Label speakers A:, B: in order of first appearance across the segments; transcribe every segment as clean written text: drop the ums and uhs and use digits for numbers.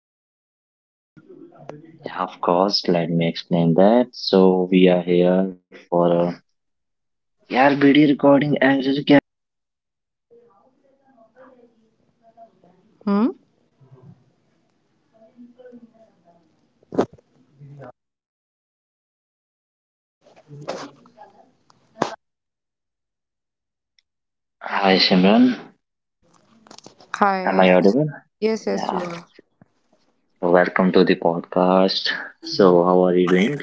A: explain me a bit more. Hmm?
B: Hi Simran, am I
A: Hi.
B: audible?
A: Yes, yes, you
B: Yeah.
A: are.
B: Welcome to the podcast. So, how are you doing?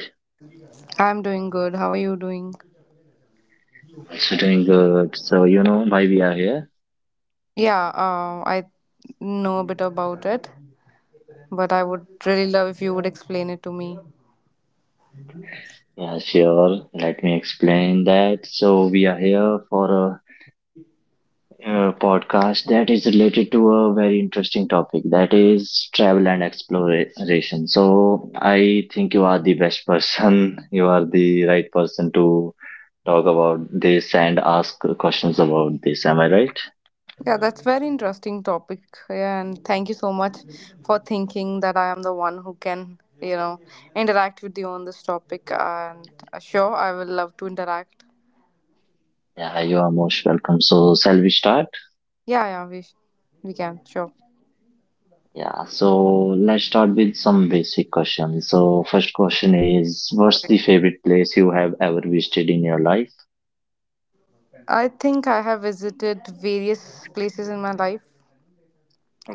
A: I'm doing good. How are you doing?
B: Also doing good. So, you know why we are here?
A: Yeah, I know a bit about it, but I would really love if you would explain it to me.
B: Yeah, sure. Let me explain that. So, we are here for a podcast that is related to a very interesting topic that is travel and exploration. So, I think you are the best person. You are the right person to talk about this and ask questions about this. Am I right?
A: Yeah, that's very interesting topic. Yeah, and thank you so much for thinking that I am the one who can, you know, interact with you on this topic. And sure, I will love to interact.
B: Yeah, hi, you are most welcome. So, shall we start?
A: Yeah, yeah, we can sure.
B: Yeah, so let's start with some basic questions. So, first question is: what's the favorite place you have ever visited in your life?
A: I think I have visited various places in my life,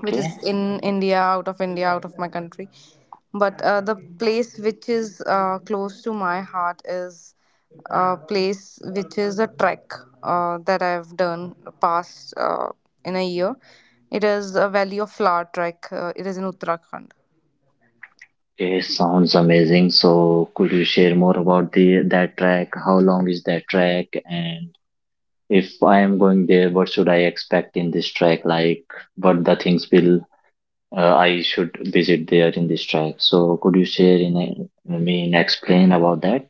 A: which is in India, out of my country. But the place which is close to my heart is a place which is a trek that I've done past in a year. It is a Valley of Flower trek. It is in Uttarakhand.
B: Okay, sounds amazing. So, could you share more about the that track? How long is that track? And if I am going there, what should I expect in this track? Like, what the things will I should visit there in this track? So, could you share in a, me mean explain about that?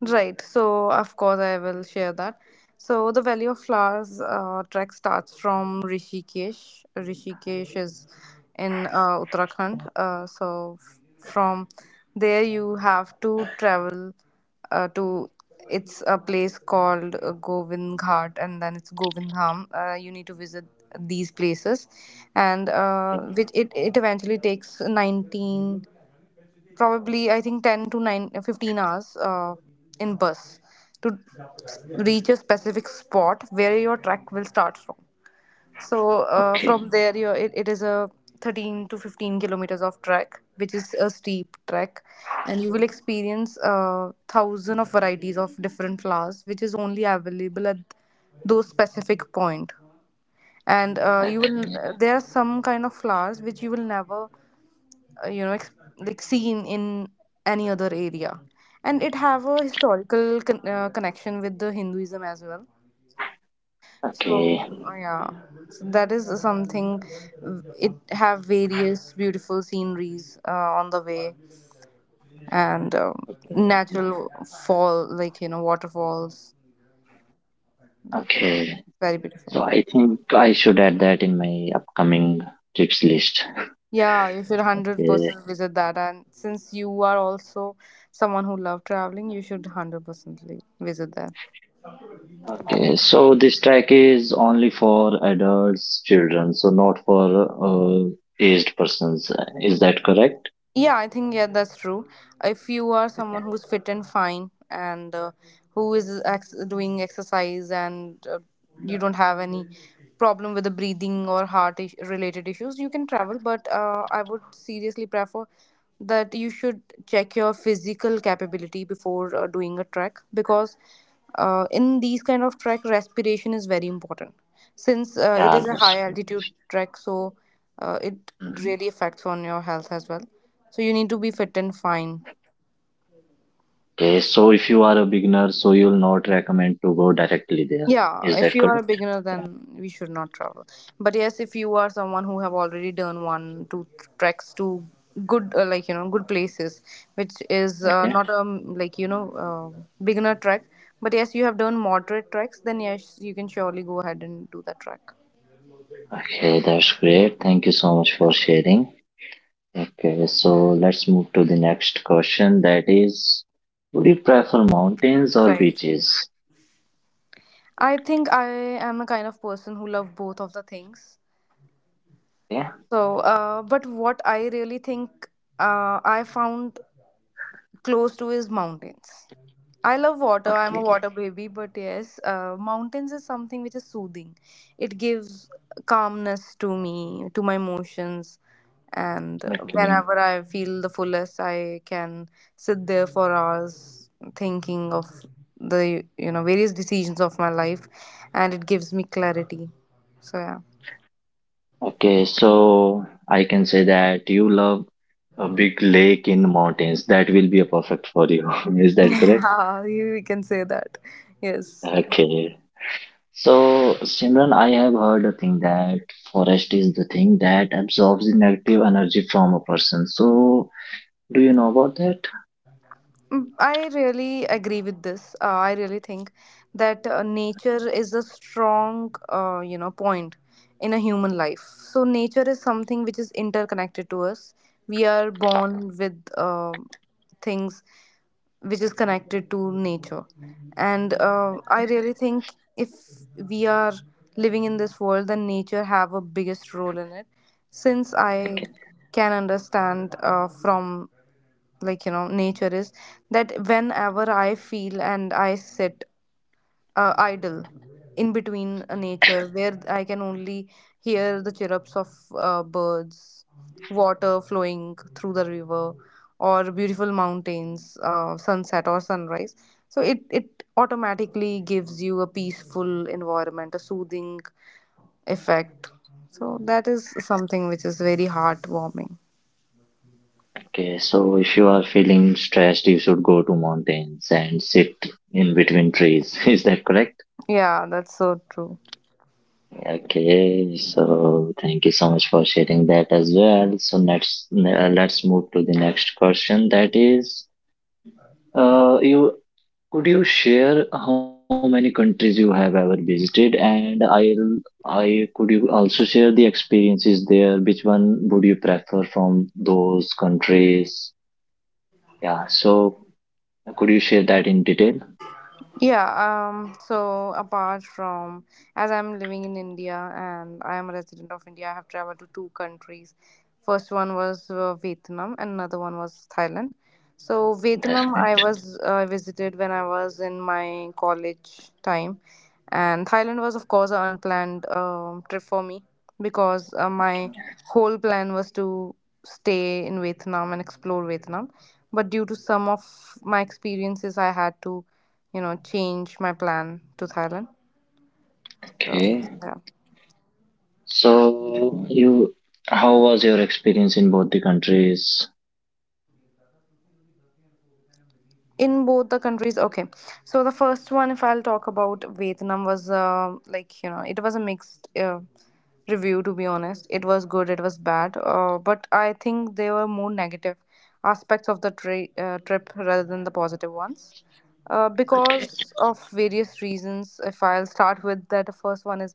A: Right. So, of course, I will share that. So, the Valley of Flowers trek starts from Rishikesh. Rishikesh is in Uttarakhand. From there, you have to travel to it's a place called Govind Ghat and then it's Govindham. You need to visit these places, and it eventually takes 19, probably I think 10 to 9, 15 hours in bus to reach a specific spot where your trek will start from. So from
B: Okay.
A: there, you it is a 13 to 15 kilometers of trek, which is a steep trek, and you will experience thousand of varieties of different flowers, which is only available at those specific point. And you will,
B: Okay.
A: there are some kind of flowers which you will never uh, you know ex- seen in any other area, and it have a historical connection with the Hinduism as well. So
B: Okay,
A: yeah, so that is something. It have various beautiful sceneries on the way, and
B: okay,
A: natural fall, like, you know, waterfalls. That's
B: okay.
A: very beautiful.
B: So I think I should add that in my upcoming trips list.
A: Yeah, you should
B: Okay,
A: 100% visit that, and since you are also someone who love traveling, you should 100% visit that.
B: okay. So this track is only for adults, children, so not for uh, aged persons. Is that correct?
A: Yeah, I think, yeah, that's true. If you are someone
B: Okay.
A: who's fit and fine and who is doing exercise, and you don't have any problem with the breathing or related issues, you can travel. But I would seriously prefer that you should check your physical capability before doing a trek, because in these kind of trek, respiration is very important. Since it
B: Yeah,
A: is a
B: that's
A: high
B: good.
A: altitude trek, so it
B: Mhm.
A: really affects on your health as well, so you need to be fit and fine.
B: Okay, so if you are a beginner, so you'll not recommend to go directly there.
A: Yeah,
B: Is
A: if
B: that
A: you are a
B: correct?
A: beginner,
B: Yeah.
A: then we should not travel. But yes, if you are someone who have already done one, two treks to good, good places, which is
B: Okay.
A: not a uh, beginner trek. But yes, you have done moderate treks, then yes, you can surely go ahead and do that trek.
B: Okay, that's great. Thank you so much for sharing. Okay, so let's move to the next question. That is, would you prefer mountains or
A: Right.
B: beaches?
A: I think I am a kind of person who love both of the things.
B: Yeah.
A: So but what I really think, I found close to is mountains. I love water. I'm a
B: Okay.
A: water baby, but yes, mountains is something which is soothing. It gives calmness to me, to my emotions, and
B: Okay.
A: whenever I feel the fullest, I can sit there for hours thinking of the, various decisions of my life, and it gives me clarity. So yeah.
B: Okay. So I can say that you love a big lake in mountains. That will be a perfect for you. Is that correct?
A: Yeah, you can say that. Yes.
B: Okay. So Simran, I have heard a thing that forest is the thing that absorbs the negative energy from a person. So do you know about that?
A: Mm, I really agree with this. I really think that nature is a strong, you know, point in a human life. So nature is something which is interconnected to us. We are born with things which is connected to nature, and I really think if we are living in this world, then nature have a biggest role in it. Since I can understand from, like, nature is that whenever I feel and I sit idle in between a nature where I can only hear the chirrups of birds, water flowing through the river, or beautiful mountains, sunset or sunrise. So it automatically gives you a peaceful environment, a soothing effect. So that is something which is very heartwarming.
B: Okay, so if you are feeling stressed, you should go to mountains and sit in between trees. Is that correct?
A: Yeah, that's so true.
B: Okay, so thank you so much for sharing that as well. So let's move to the next question. That is, you could you share how many countries you have ever visited, and I could you also share the experiences there. Which one would you prefer from those countries? Yeah, so could you share that in detail?
A: Yeah, so apart from, as I'm living in India and I am a resident of India, I have traveled to two countries. First one was Vietnam, and another one was Thailand. So
B: That's
A: Vietnam, I
B: great.
A: was visited when I was in my college time, and Thailand was, of course, an unplanned trip for me, because my whole plan was to stay in Vietnam and explore Vietnam, but due to some of my experiences, I had to, you know, change my plan to Thailand, so
B: Okay.
A: yeah.
B: So how was your experience in both the countries?
A: In both the countries, okay. So the first one, if I'll talk about Vietnam, was it was a mixed review. To be honest, it was good, it was bad, but I think there were more negative aspects of the trip rather than the positive ones,
B: Okay.
A: because of various reasons. If I'll start with that, the first one is,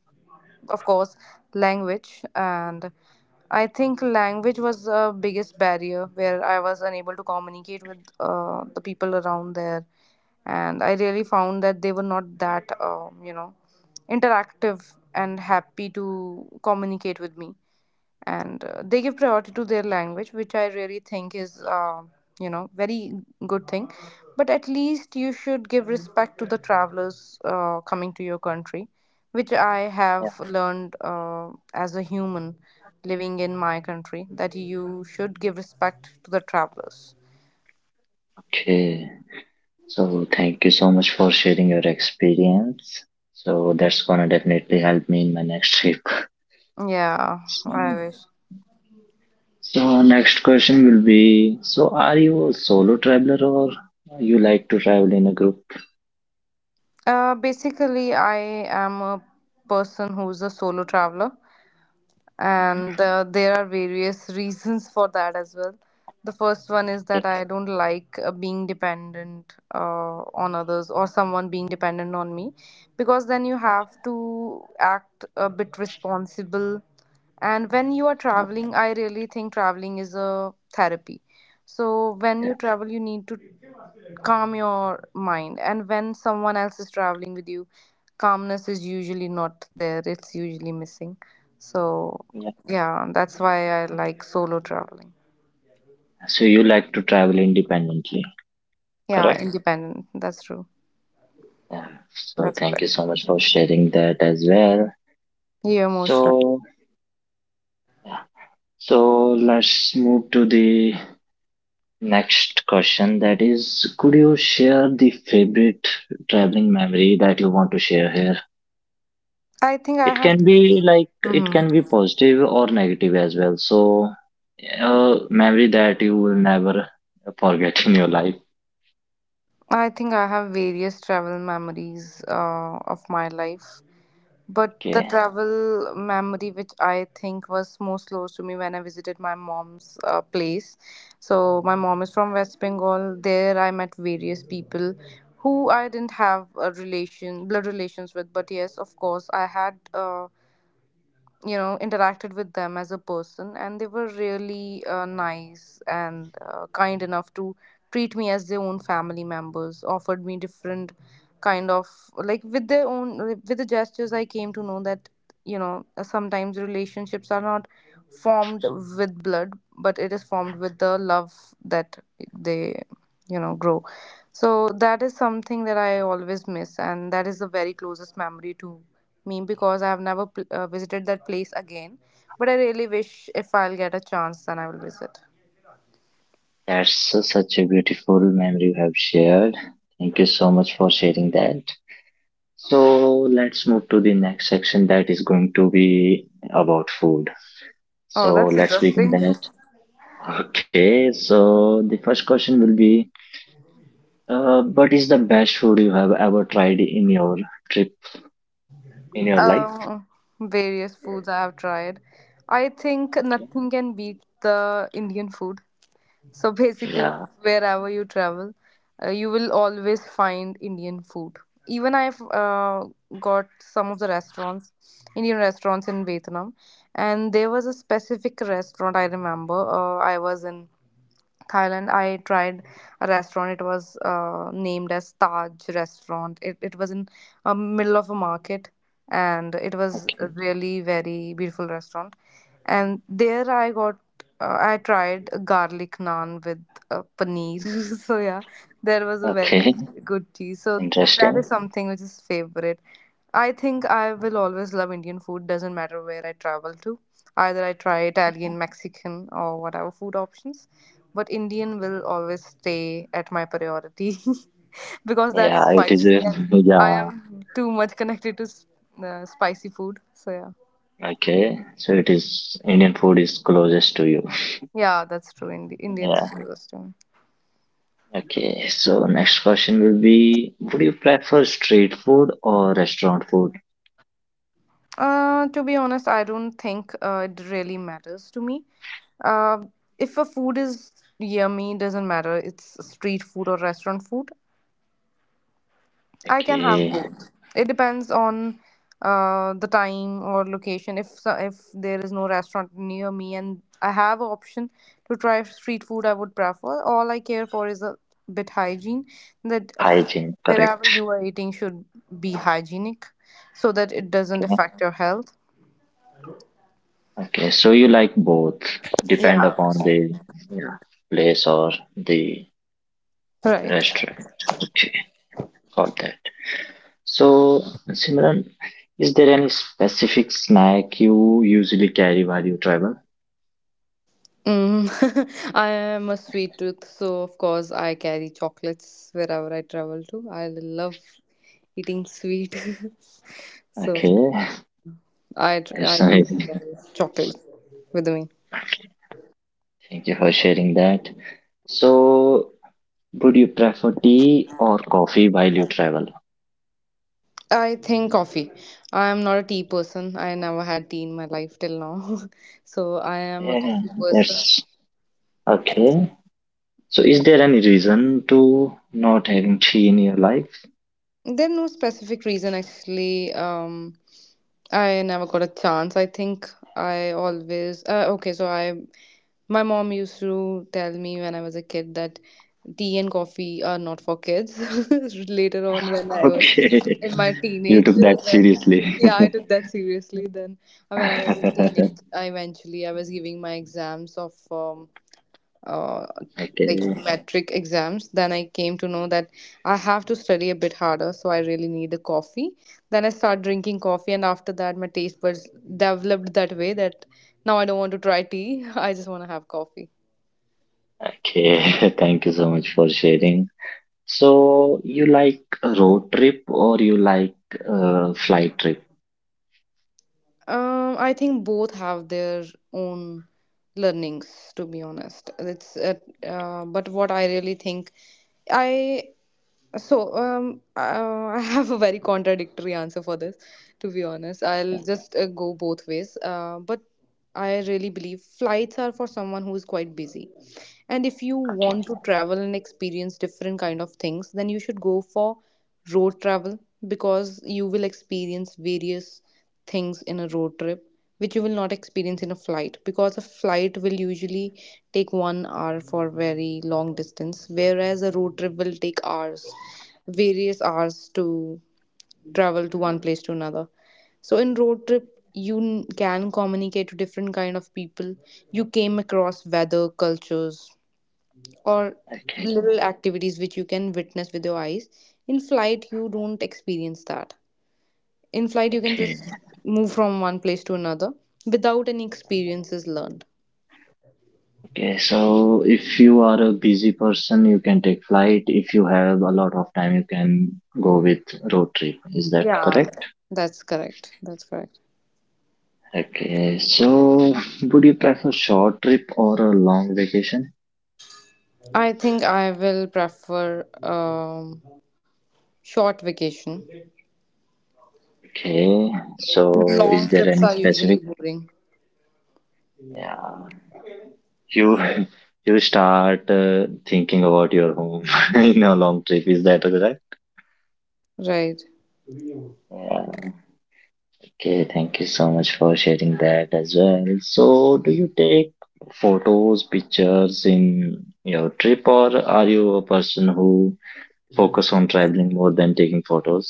A: of course, language, and I think language was the biggest barrier, where I was unable to communicate with the people around there. And I really found that they were not that, you know, interactive and happy to communicate with me, and they give priority to their language, which I really think is, you know, very good thing. But at least you should give respect to the travelers coming to your country, which I have learned as a human living in my country, that you should give respect to the travelers.
B: Okay. So thank you so much for sharing your experience. So that's gonna definitely help me in my next trip.
A: Yeah,
B: So,
A: I wish.
B: so next question will be: so are you a solo traveler or you like to travel in a group?
A: Basically, I am a person who's a solo traveler, and there are various reasons for that as well. The first one is
B: Okay.
A: that I don't like being dependent on others, or someone being dependent on me, because then you have to act a bit responsible. And when you are
B: Yeah.
A: traveling, I really think traveling is a therapy. So when you
B: Yeah.
A: travel, you need to calm your mind, and when someone else is traveling with you, calmness is usually not there, it's usually missing. So
B: Yeah.
A: yeah, that's why I like solo traveling.
B: So you like to travel independently,
A: Yeah,
B: correct?
A: independent, that's true.
B: Yeah. So
A: That's
B: thank
A: correct.
B: you so much for sharing that as well.
A: You're most right.
B: So So let's move to the next question. That is, could you share the favorite traveling memory that you want to share here?
A: I think I
B: It
A: have.
B: can be like it
A: Hmm.
B: can be positive or negative as well. So, a memory that you will never forget in your life.
A: I think I have various travel memories of my life. But the
B: Okay,
A: travel memory which I think was most close to me, when I visited my mom's place. So my mom is from West Bengal. There, I met various people who I didn't have a relation, blood relations with. But yes, of course, I had, you know, interacted with them as a person, and they were really nice and kind enough to treat me as their own family members, offered me different kind of, like, with their own, with the gestures. I came to know that, sometimes relationships are not formed with blood, but it is formed with the love that they, grow. So that is something that I always miss, and that is the very closest memory to me, because I have never visited that place again, but I really wish, if I'll get a chance, then I will visit.
B: that's such a beautiful memory you have shared. Thank you so much for sharing that. So let's move to the next section that is going to be about food.
A: Oh,
B: So
A: that's
B: let's begin
A: interesting.
B: that. Okay, so the first question will be what is the best food you have ever tried in your trip in your life?
A: Um, Various foods I have tried. I think
B: Okay.
A: nothing can beat the Indian food. So basically,
B: Yeah.
A: wherever you travel, you will always find Indian food. Even I've got some of the restaurants, Indian restaurants in Vietnam, and there was a specific restaurant I remember. I was in Thailand, I tried a restaurant. It was named as Taj Restaurant. It was in a middle of a market, and it was
B: Okay.
A: a really very beautiful restaurant. And there I got, I tried a garlic naan with paneer. So yeah, there was a very
B: Okay.
A: good tea. So that is
B: Interesting.
A: something which is favorite. I think I will always love Indian food, doesn't matter where I travel to. Either I try Italian, Mexican, or whatever food options, but Indian will always stay at my priority because
B: Yeah,
A: that's
B: it is
A: spicy,
B: a,
A: and I
B: yeah.
A: am too much connected to spicy food. So, yeah.
B: Okay. So it is Indian food is closest to you.
A: Yeah, that's true. Indian is
B: Yeah.
A: closest to me.
B: Okay. So next question will be: would you prefer street food or restaurant food?
A: To be honest, I don't think it really matters to me. Uh, if a food is yummy, it doesn't matter. It's street food or restaurant food. I can have
B: Okay.
A: both. It depends on the time or location. If if there is no restaurant near me and I have an option to try street food, I would prefer. All I care for is a bit hygiene that
B: Hygiene,
A: wherever you
B: correct.
A: are eating should be hygienic, so that it doesn't affect your health.
B: Okay, so you like both,
A: Yeah.
B: depend upon the yeah, place or the
A: Right.
B: restaurant. Okay, got that. So, Simran, is there any specific snack you usually carry while you travel?
A: I am a sweet tooth, so of course I carry chocolates wherever I travel to. I love eating sweet, so
B: Okay,
A: I
B: that's amazing.
A: carry chocolate with me.
B: Thank you for sharing that. So, would you prefer tea or coffee while you travel?
A: I think coffee. I am not a tea person. I never had tea in my life till now, so I am a
B: Yeah,
A: coffee person.
B: that's okay. So, is there any reason to not having tea in your life?
A: There's no specific reason actually. I never got a chance. I think. I always okay. So I My mom used to tell me when I was a kid that tea and coffee are not for kids. Later on, when I was
B: Okay.
A: in my
B: You
A: teenage,
B: took that
A: then
B: seriously.
A: yeah, I took that seriously. Then when I was in teenage, I eventually I was giving my exams of uh, like
B: okay.
A: metric exams. Then I came to know that I have to study a bit harder, so I really need a coffee. Then I start drinking coffee, and after that my taste buds developed that way that now I don't want to try tea. I just want to have coffee.
B: Okay. Thank you so much for sharing. So you like a road trip or you like a flight trip?
A: I think both have their own learnings, to be honest. It's but what I really think, I. So, I have a very contradictory answer for this, to be honest. I'll just go both ways. But I really believe flights are for someone who is quite busy. And if you
B: Okay.
A: want to travel and experience different kind of things, then you should go for road travel, because you will experience various things in a road trip which you will not experience in a flight, because a flight will usually take 1 hour for very long distance, whereas a road trip will take hours, various hours, to travel to one place to another. So in road trip you can communicate to different kind of people. You came across weather, cultures, or
B: Okay.
A: little activities which you can witness with your eyes. In flight you don't experience that. In flight you can
B: Okay.
A: just move from one place to another, without any experiences learned.
B: Okay. So if you are a busy person, you can take flight. If you have a lot of time, you can go with road trip. Is that
A: Yeah.
B: correct?
A: That's correct, that's correct.
B: Okay. So would you prefer short trip or a long vacation?
A: I think I will prefer short vacation.
B: Okay. So
A: Long
B: is there
A: trips
B: any
A: are usually
B: specific
A: boring.
B: yeah, you you start thinking about your home in a long trip. Is that right?
A: Right.
B: Yeah. Okay. Thank you so much for sharing that as well. So, do you take photos, pictures in your trip, or are you a person who focus on traveling more than taking photos?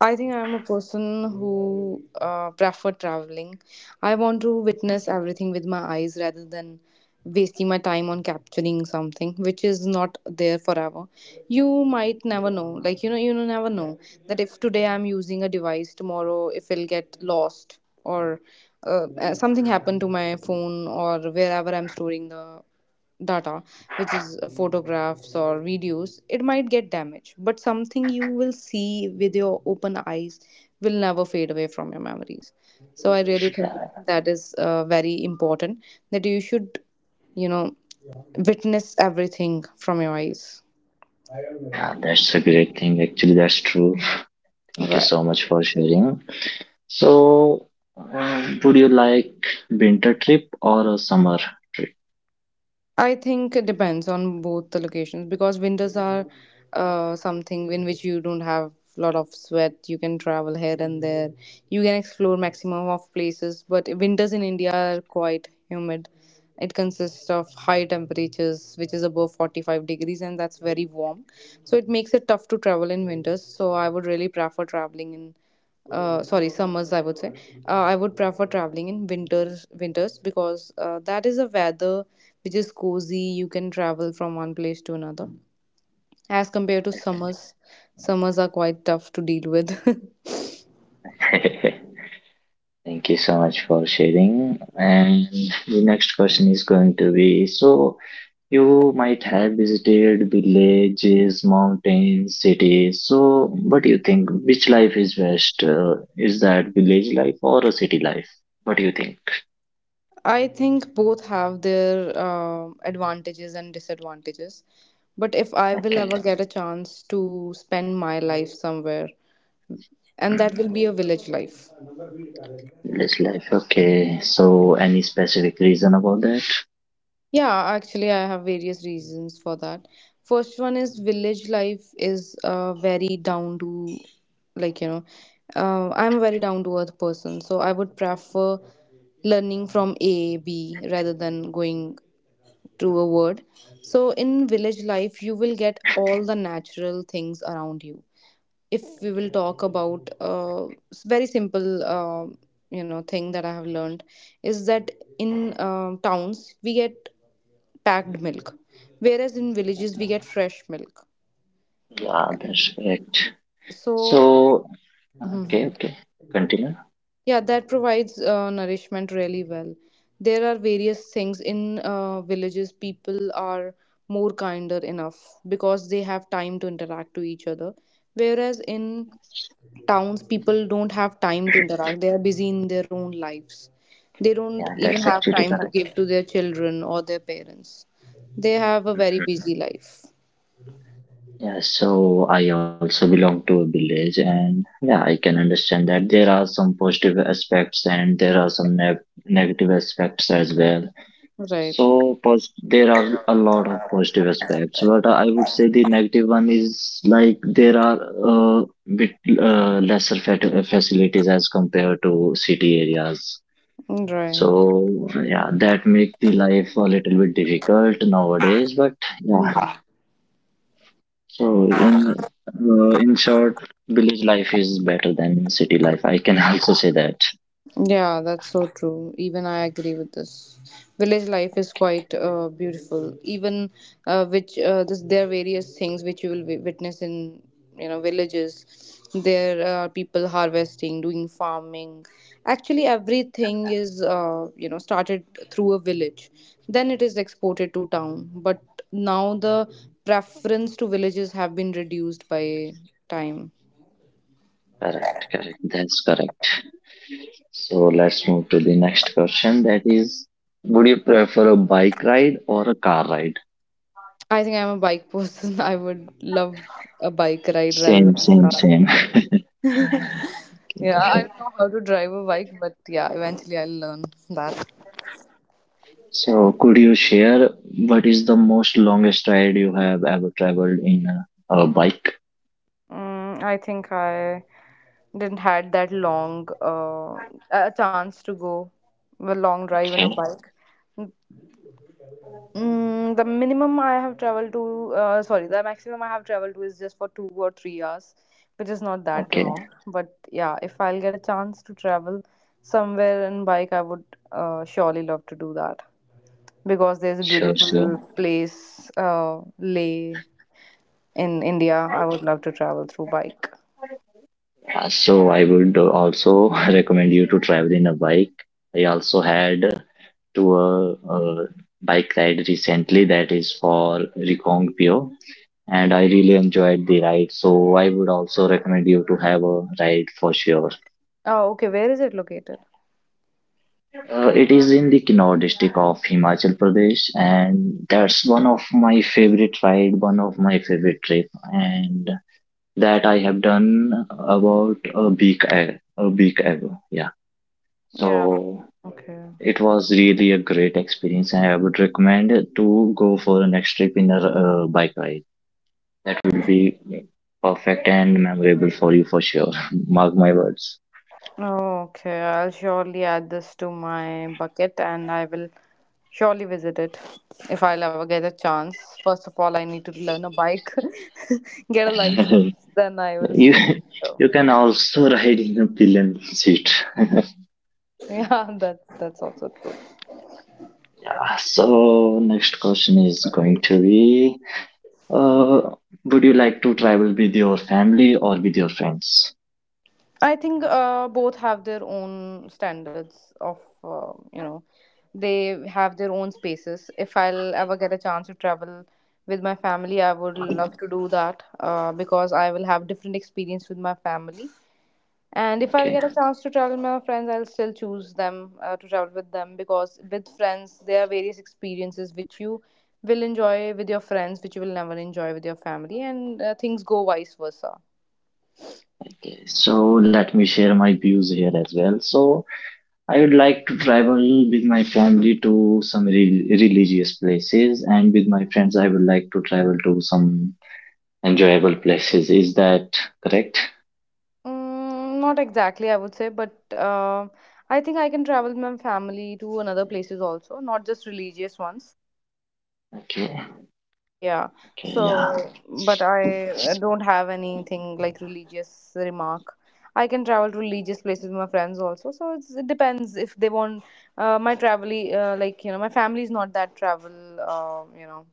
A: I think I'm a person who prefer traveling. I want to witness everything with my eyes rather than wasting my time on capturing something which is not there forever. You might never know. Like, you know, you never know that if today I'm using a device, tomorrow if it'll get lost, or something happened to my phone or wherever I'm storing the data, which is photographs or videos, it might get damaged. But something you will see with your open eyes will never fade away from your memories. So I really think
B: Yeah,
A: that is very important, that you should, you know, witness everything from your eyes.
B: yeah, that's a great thing. Actually, that's true. Thank you
A: Right.
B: so much for sharing. So, would you like winter trip or a summer trip?
A: I think it depends on both the locations, because winters are something in which you don't have a lot of sweat. You can travel here and there. You can explore maximum of places, but winters in India are quite humid. It consists of high temperatures, which is above 45 degrees, and that's very warm. So it makes it tough to travel in winters. So I would really prefer traveling in sorry summers, I would say, I would prefer traveling in winters, because that is a weather which is cozy. You can travel from one place to another as compared to summers. Summers are quite tough to deal with.
B: Thank you so much for sharing. And the next question is going to be: so you might have visited villages, mountains, cities. So, what do you think? Which life is best? Is that village life or a city life? What do you think?
A: I think both have their advantages and disadvantages. But if I will
B: Okay.
A: ever get a chance to spend my life somewhere, and that will
B: Mhm.
A: be a village life.
B: Village life. Okay. So, any specific reason about that?
A: Yeah, actually, I have various reasons for that. First one is village life is very down to, like, you know, I'm a very down to earth person. So I would prefer learning from A, B rather than going to a word. So in village life, you will get all the natural things around you. If we will talk about very simple, you know, thing that I have learned is that in towns we get packed milk, whereas in villages we get fresh milk.
B: Yeah, that's correct.
A: So,
B: So, okay,
A: mhm.
B: okay. Continue.
A: Yeah, that provides nourishment really well. There are various things in villages. People are more kinder enough because they have time to interact to each other, whereas in towns, people don't have time to interact, they are busy in their own lives. They don't
B: Yeah,
A: even
B: that's
A: have
B: actually
A: time to
B: correct.
A: give to their children or their parents. They have a very busy life.
B: Yeah, so I also belong to a village, and yeah, I can understand that there are some positive aspects and there are some ne negative aspects as well.
A: Right.
B: So, pos there are a lot of positive aspects, but I would say the negative one is like there are a bit lesser facilities as compared to city areas. So,
A: Right.
B: yeah, that make the life a little bit difficult nowadays, but
A: Mm.
B: yeah, so in short, village life is better than city life. I can also say that.
A: Yeah, that's so true. Even I agree with this. Village life is quite beautiful. Even which this, there are various things which you will witness in, you know, villages. There are people harvesting, doing farming. Actually, everything is you know, started through a village. Then it is exported to town. But now the preference to villages have been reduced by time.
B: Correct, correct. That's correct. So let's move to the next question. That is, would you prefer a bike ride or a car ride?
A: I think I'm a bike person. I would love a bike ride rather
B: Same,
A: than a
B: same,
A: car
B: same.
A: ride. Yeah, I don't know how to drive a bike, but yeah, eventually I'll learn that.
B: So could you share what is the most longest ride you have ever traveled in a bike?
A: I think I didn't had that long a chance to go a long drive on a
B: Okay,
A: bike. The minimum I have traveled to, sorry, the maximum I have traveled to is just for 2 or 3 hours, which is not that
B: okay.
A: long. But yeah, if I'll get a chance to travel somewhere in bike, I would surely love to do that, because there's a
B: Sure, sure.
A: beautiful place, Leh in India. I would love to travel through bike.
B: So I would also recommend you to travel in a bike. I also had to a bike ride recently that is for Pio, and I really enjoyed the ride. So I would also recommend you to have a ride for sure.
A: Oh, okay. Where is it located?
B: It is in the Kinnaur district of Himachal Pradesh, and that's one of my favorite ride, one of my favorite trip, and that I have done about a week ago. Yeah. So
A: Yeah. Okay.
B: it was really a great experience, and I would recommend to go for a next trip in a bike ride. That will be perfect and memorable for you for sure. Mark my words.
A: Okay, I'll surely add this to my bucket, and I will surely visit it if I'll ever get a chance. First of all, I need to learn a bike, get a license, then I will
B: you
A: surely go.
B: you can also ride in a pillion seat.
A: Yeah, that's also true.
B: So next question is going to be: uh, would you like to travel with your family or with your friends?
A: I think both have their own standards of you know, they have their own spaces. If I'll ever get a chance to travel with my family, I would love to do that because I will have different experience with my family. And if I'll
B: Okay.
A: get a chance to travel with my friends, I'll still choose them to travel with them, because with friends, there are various experiences which you will enjoy with your friends, which you will never enjoy with your family, and things go vice versa.
B: Okay. So let me share my views here as well. So I would like to travel with my family to some re- religious places, and with my friends, I would like to travel to some enjoyable places. Is that correct?
A: Not exactly, I would say, but uh, I think I can travel with my family to another places also, not just religious ones.
B: Okay,
A: Yeah.
B: okay,
A: So,
B: yeah,
A: but I don't have anything like religious remark. I can travel to religious places with my friends also. So it's, it depends if they want my travel, like, you know, my family is not that travel, you know,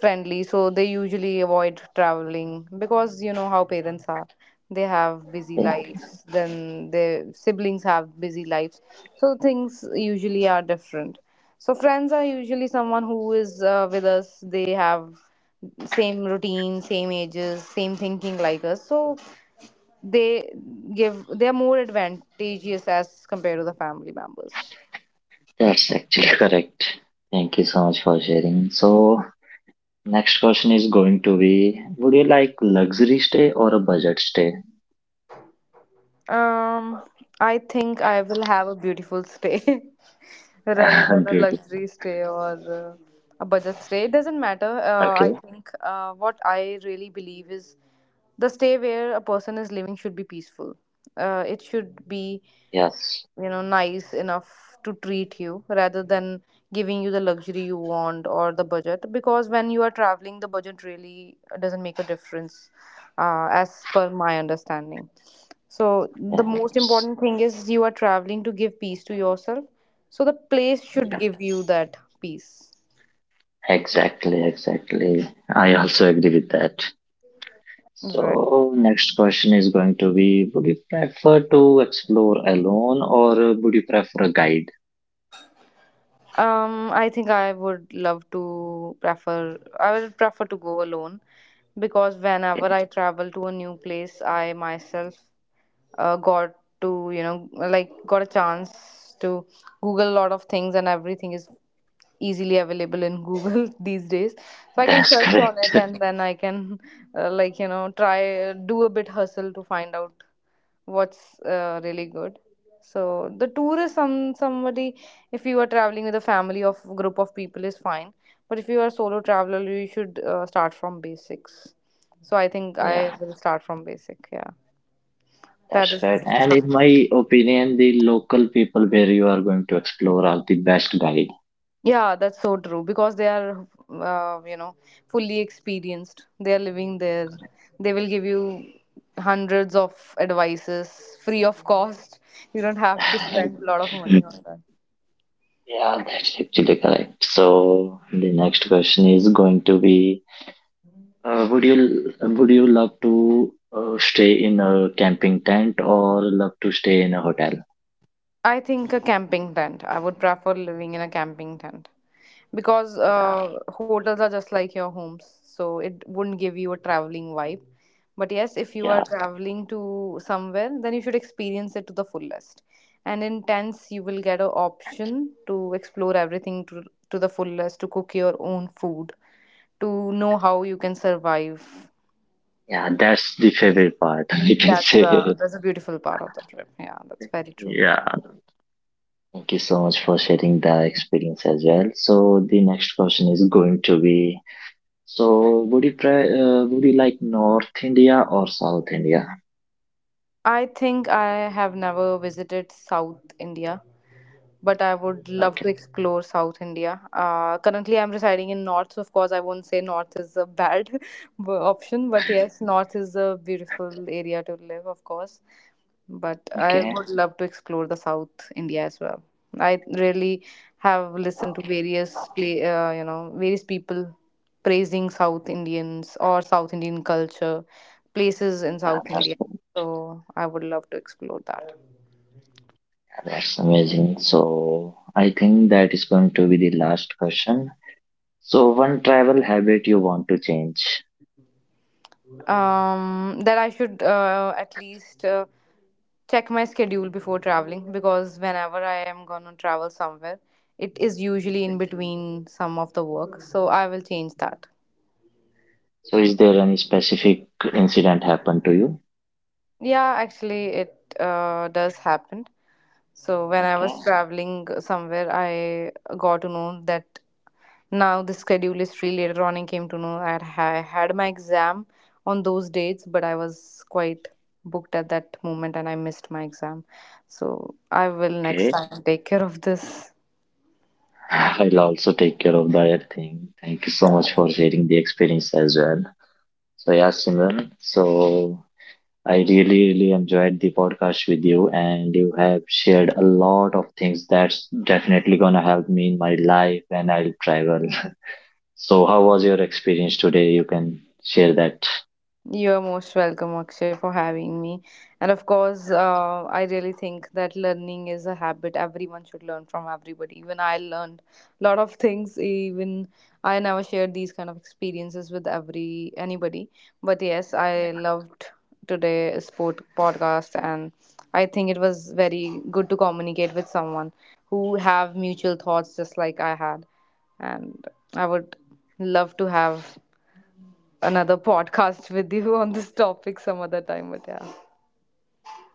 A: friendly, so they usually avoid traveling, because you know how parents are. They have busy
B: yeah,
A: lives, then their siblings have busy lives. So things usually are different. So friends are usually someone who is with us. They have same routine, same ages, same thinking like us. So they give, they are more advantageous as compared to the family members.
B: that's actually correct. Thank you so much for sharing. So, next question is going to be: would you like luxury stay or a budget stay?
A: Um, I think I will have a beautiful stay rather than a
B: Beautiful.
A: luxury stay, or a budget stay. It doesn't matter. I
B: Okay,
A: think what I really believe is the stay where a person is living should be peaceful. It should be,
B: yes,
A: you know, nice enough to treat you, rather than giving you the luxury you want or the budget. Because when you are traveling, the budget really doesn't make a difference, as per my understanding. So, the most
B: yes,
A: important thing is you are traveling to give peace to yourself. So, the place should
B: yeah,
A: give you that peace.
B: exactly, exactly. I also agree with that.
A: Right.
B: So, next question is going to be: would you prefer to explore alone or would you prefer a guide?
A: I think I would love to prefer, I will prefer to go alone, because whenever
B: Okay,
A: I travel to a new place, I myself got to, you know, like, got a chance to google a lot of things, and everything is easily available in google these days. So I can
B: that's
A: search on
B: correct.
A: it, and then I can like, you know, try do a bit hustle to find out what's really good. So the tour is somebody, if you are traveling with a family of group of people, is fine. But if you are solo traveler, you should start from basics. So I think I
B: yeah,
A: will start from basic. Yeah, that
B: that's
A: is.
B: correct. And in my opinion, the local people where you are going to explore are the best guide.
A: Yeah, that's so true, because they are, you know, fully experienced. They are living there. They will give you hundreds of advices free of cost. You don't have to spend a lot of money
B: Mm,
A: on that.
B: yeah, that's actually correct. So, the next question is going to be would you love to stay in a camping tent or love to stay in a hotel?
A: I think a camping tent. I would prefer living in a camping tent, because
B: Yeah.
A: hotels are just like your homes, so it wouldn't give you a traveling vibe. But yes, if you are
B: Yeah.
A: traveling to somewhere, then you should experience it to the fullest. And in tents, you will get an option to explore everything to the fullest, to cook your own food, to know how you can survive.
B: Yeah, that's the favorite part, I can say.
A: That's a beautiful part of the trip. Yeah, that's very true.
B: Yeah. Thank you so much for sharing that experience as well. So the next question is going to be so would you would you like North India or South India?
A: I think I have never visited South India, but I would love
B: Okay.
A: to explore South India. Currently, I'm residing in North, so of course, I won't say North is a bad option, but yes, North is a beautiful area to live, of course, but I
B: Okay,
A: would love to explore the South India as well. I really have listened to various play, you know, various people praising South Indians or South Indian culture, places in
B: yeah,
A: South India. So I would love to explore that.
B: that's amazing. So I think that is going to be the last question. So one travel habit you want to change.
A: That I should at least check my schedule before traveling, because whenever I am gonna travel somewhere, it is usually in between some of the work. So I will change that.
B: So is there any specific incident happened to you?
A: Yeah, actually, it does happen. So when I
B: Okay.
A: was traveling somewhere, I got to know that now the schedule is free. Later on, I came to know that I had my exam on those dates, but I was quite booked at that moment, and I missed my exam. So I will next
B: Okay.
A: time take care of this.
B: I'll also take care of that thing. Thank you so much for sharing the experience as well. So yeah, Simran. So I really, really enjoyed the podcast with you, and you have shared a lot of things that's definitely gonna help me in my life when I'll travel. So how was your experience today? You can share that.
A: You're most welcome, Akshay, for having me. And of course,
B: Yeah,
A: I really think that learning is a habit everyone should learn from everybody. Even I learned a lot of things. Even I never shared these kind of experiences with every anybody. But yes,
B: yeah.
A: I loved today's sport podcast, and I think it was very good to communicate with someone who have mutual thoughts just like I had. And I would love to have another podcast with you on this topic some other time. But yeah,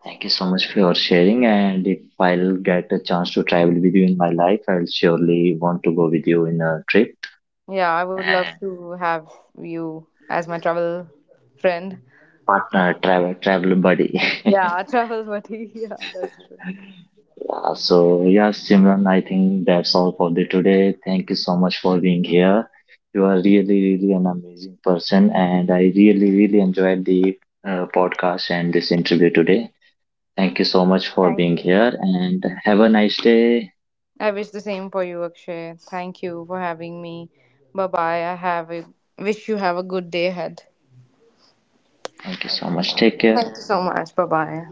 B: Thank you so much for your sharing. And if I'll get a chance to travel with you in my life, I'll surely want to go with you in a trip.
A: yeah, I would love
B: And
A: to have you as my travel friend.
B: partner, travel, travel buddy.
A: Yeah, travel buddy. Yeah, that's true.
B: Yeah, so yeah, Simran, I think that's all for the today. Thank you so much for being here. You are really, really an amazing person, and I really, really enjoyed the podcast and this interview today. Thank you so much for
A: Thank
B: being
A: you.
B: here, and have a nice day.
A: I wish the same for you, Akshay. Thank you for having me. Bye bye. I have a wish you have a good day ahead.
B: Thank you so much. Take care.
A: Thank you so much. Bye bye.